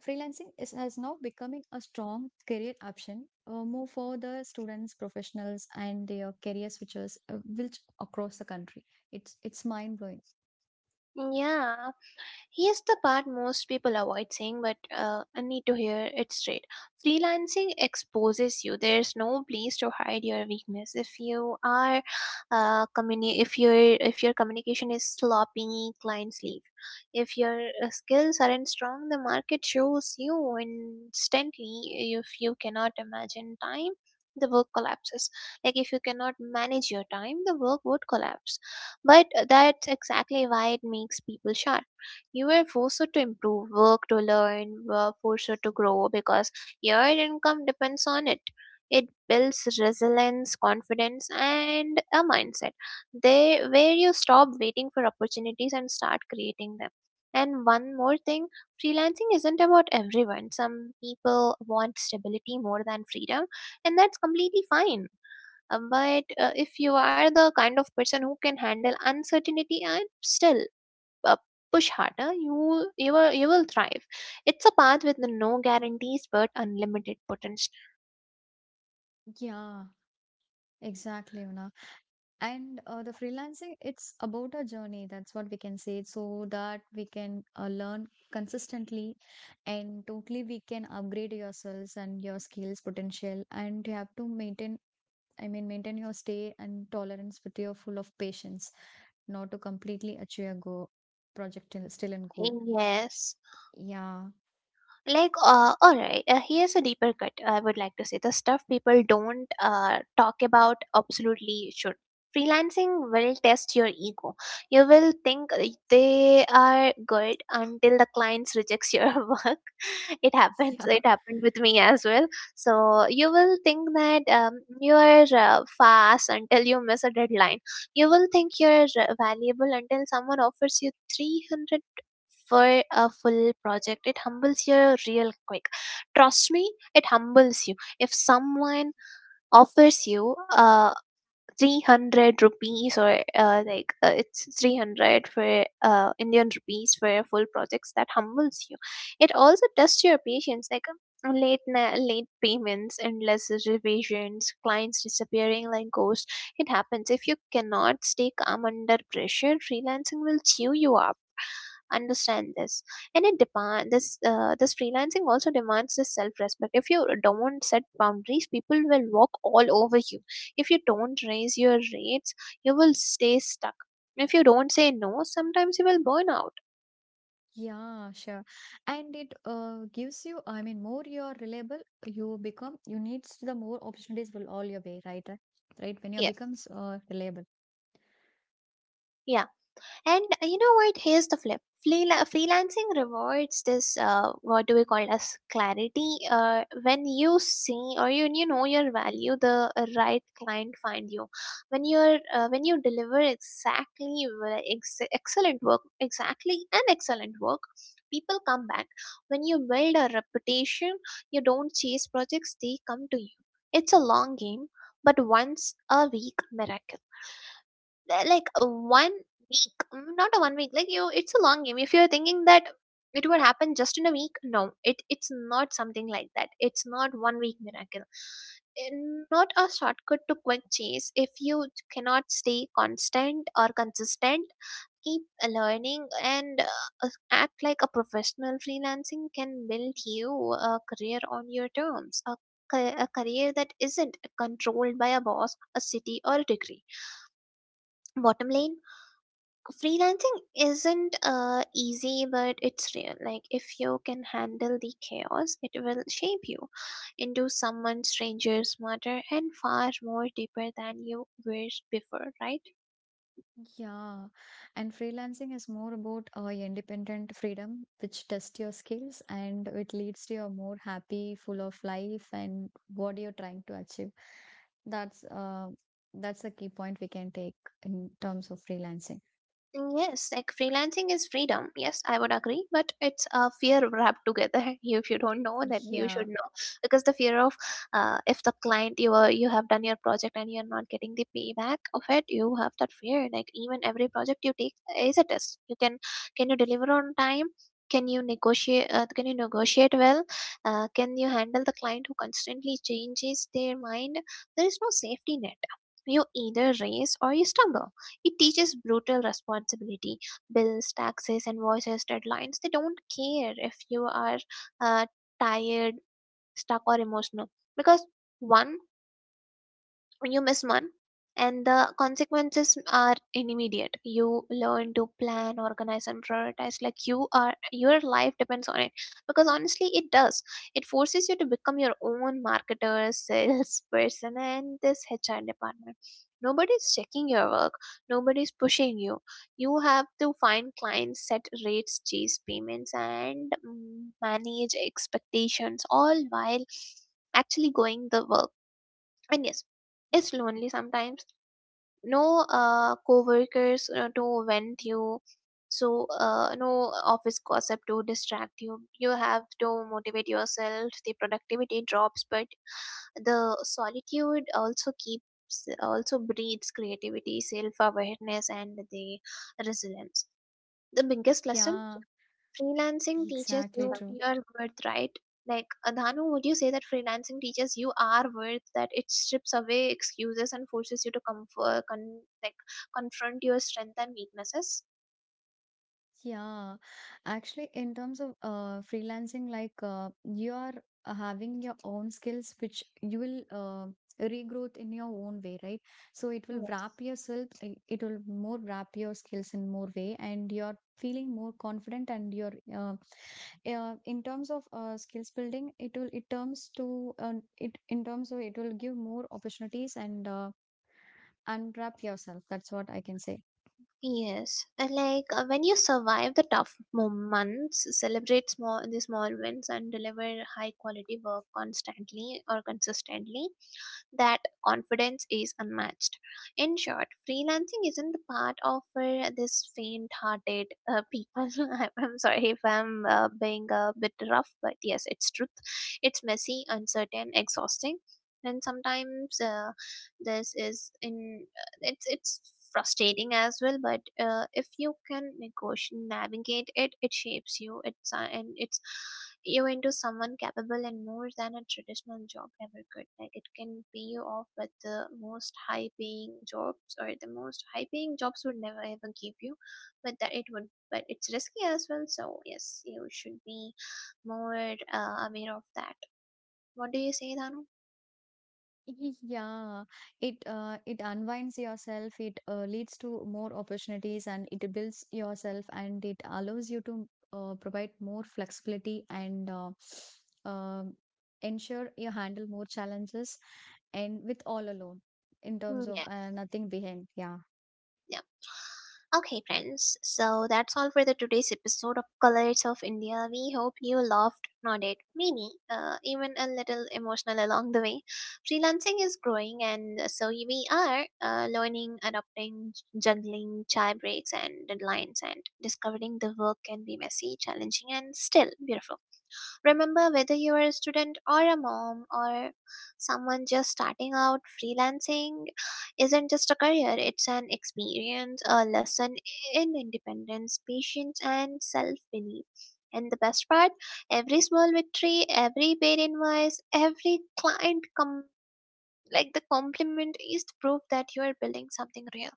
S1: freelancing is has now becoming a strong career option more for the students, professionals, and their career switchers, which across the country. It's mind blowing.
S2: Yeah. Here's the part most people avoid saying, but I need to hear it straight. Freelancing exposes you. There's no place to hide your weakness. If you are, if your communication is sloppy, clients leave. If your skills aren't strong, the market shows you instantly. If you cannot imagine time, the work collapses. Like if you cannot manage your time, the work would collapse. But that's exactly why it makes people shy. You were forced to improve, work to learn, were forced to grow, because your income depends on it. It builds resilience, confidence, and a mindset. They where you stop waiting for opportunities and start creating them. And one more thing, freelancing isn't about everyone. Some people want stability more than freedom, and that's completely fine. But if you are the kind of person who can handle uncertainty, and still uh, push harder, you will thrive. It's a path with no guarantees but unlimited potential.
S1: Yeah. Exactly, you know. And the freelancing, it's about a journey. That's what we can say. So that we can learn consistently, and totally we can upgrade yourselves and your skills potential. And you have to maintain, I mean, maintain your stay and tolerance with your full of patience, not to completely achieve a go project still in goal.
S2: Yes.
S1: Yeah.
S2: All right, here's a deeper cut, I would like to say the stuff people don't talk about absolutely should. Freelancing will test your ego. You will think they are good until the clients rejects your work. It happens,
S1: Yeah.
S2: it happened with me as well. So you will think that you are fast until you miss a deadline. You will think you're valuable until someone offers you 300 for a full project. It humbles you real quick. Trust me, it humbles you. If someone offers you a 300 rupees, or it's 300 for indian rupees for full projects, that humbles you. It also tests your patience, like late payments, endless revisions, clients disappearing like ghosts. It happens. If you cannot stay calm under pressure, freelancing will chew you up. Understand this. And it depends, this this freelancing also demands self-respect. If you don't set boundaries, people will walk all over you. If you don't raise your rates, you will stay stuck. If you don't say no sometimes, you will burn out.
S1: Yeah, sure. And it gives you, I mean, more you are reliable, you become, you needs the more opportunities will all your way, right? Right When you
S2: Yes.
S1: becomes reliable.
S2: Yeah. And you know what? Here's the flip. Freelancing rewards this what do we call as clarity. Uh, when you see or you you know your value, the right client find you. When you're when you deliver excellent work, exactly an excellent work, people come back. When you build a reputation, you don't chase projects, they come to you. It's a long game. But once a week miracle, one week, not a one week, like you, it's a long game. If you're thinking that it would happen just in a week, no, it's not something like that. It's not one week miracle. Eh, Not a shortcut to quick change. If you cannot stay constant or consistent, keep learning, and act like a professional, freelancing can build you a career on your terms, a career that isn't controlled by a boss, a city, or a degree. Bottom line, freelancing isn't easy, but it's real. Like if you can handle the chaos, it will shape you into someone stranger, smarter, and far more deeper than you were before, right?
S1: Yeah. And freelancing is more about independent freedom, which tests your skills, and it leads to a more happy, full of life and what you're trying to achieve. That's uh, that's a key point we can take in terms of freelancing.
S2: Yes, like freelancing is freedom. Yes, I would agree, but it's a fear wrapped together. If you don't know, then you
S1: Yeah.
S2: should know, because the fear of, if the client, you are you have done your project and you're not getting the payback of it, you have that fear. Like even every project you take is a test. You Can you deliver on time? Can you negotiate? Can you negotiate well? Can you handle the client who constantly changes their mind? There is no safety net. You either race or you stumble. It teaches brutal responsibility, bills, taxes, and invoices, deadlines. They don't care if you are uh, tired, stuck, or emotional, because one you miss one and the consequences are immediate. You learn to plan, organize, and prioritize like you are, your life depends on it, because honestly it does. It forces you to become your own marketer, salesperson, and this HR department. Nobody's checking your work, nobody's pushing you. You have to find clients, set rates, chase payments, and manage expectations, all while actually going the work. And yes, it's lonely sometimes. No co-workers to vent you. So no office gossip to distract you. You have to motivate yourself. The productivity drops, but the solitude also breeds creativity, self-awareness, and the resilience. The biggest lesson
S1: Yeah.
S2: freelancing teaches
S1: Exactly
S2: you
S1: true.
S2: your worth, right? Like, Dhanu, would you say that freelancing teaches you our worth, that it strips away excuses and forces you to comfort, confront your strength and weaknesses?
S1: Yeah, actually, in terms of freelancing, like you are having your own skills, which you will regrowth in your own way, right? So it will
S2: Yes.
S1: wrap yourself, it will more wrap your skills in more way, and you're feeling more confident. And you're in terms of skills building, it will it terms to it in terms of it will give more opportunities and unwrap yourself. That's what I can say.
S2: Yes, and like when you survive the tough months, celebrate small the small wins, and deliver high quality work constantly or consistently, that confidence is unmatched. In short, freelancing isn't the part of this faint-hearted people. I'm sorry if I'm being a bit rough, but yes, it's truth. It's messy, uncertain, exhausting, and sometimes this is in it's frustrating as well, but if you can negotiate navigate it, it shapes you, it's and it's you into someone capable and more than a traditional job ever could. Like it can pay you off with the most high paying jobs, or the most high paying jobs would never ever give you, but that it would. But it's risky as well. So yes, you should be more aware of that. What do you say, Danu?
S1: Yeah, it it unwinds yourself, it leads to more opportunities, and it builds yourself, and it allows you to provide more flexibility, and um ensure you handle more challenges, and with all alone in
S2: Hmm,
S1: terms of
S2: yeah,
S1: nothing behind. Yeah,
S2: yeah. Okay, friends, so that's all for the today's episode of Colors of India. We hope you loved, nodded, maybe even a little emotional along the way. Freelancing is growing, and so we are learning, adopting, juggling chai breaks and deadlines, and discovering the work can be messy, challenging, and still beautiful. Remember, whether you are a student or a mom or someone just starting out, freelancing isn't just a career, it's an experience, a lesson in independence, patience, and self belief. And the best part, every small victory, every paid invoice, every client com- like the compliment is the proof that you are building something real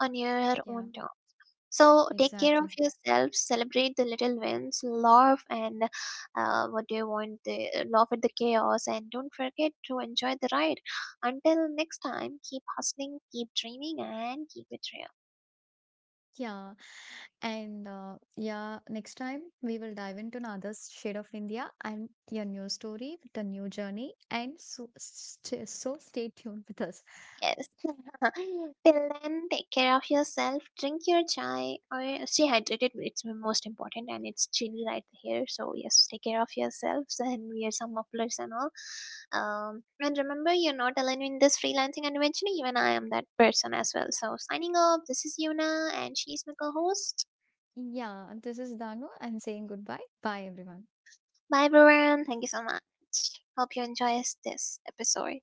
S2: on your
S1: yeah,
S2: own terms. So take care of
S1: exactly.
S2: yourself, celebrate the little wins, laugh and what do you want? The laugh at the chaos, and don't forget to enjoy the ride. Until next time, keep hustling, keep dreaming, and keep it real.
S1: Yeah, and yeah, next time we will dive into another shade of India and a new story with a new journey. And so, so stay tuned with us.
S2: Yes. Till then, take care of yourself, drink your chai, or stay hydrated. It's most important, and it's chilly right here. So, yes, take care of yourselves and wear some mufflers and all. And remember, you're not alone in this freelancing adventure, even I am that person as well. So, signing off, this is Yuna, and she's my co host.
S1: Yeah, this is Danu and saying goodbye. Bye, everyone.
S2: Bye, everyone. Thank you so much. Hope you enjoy this episode.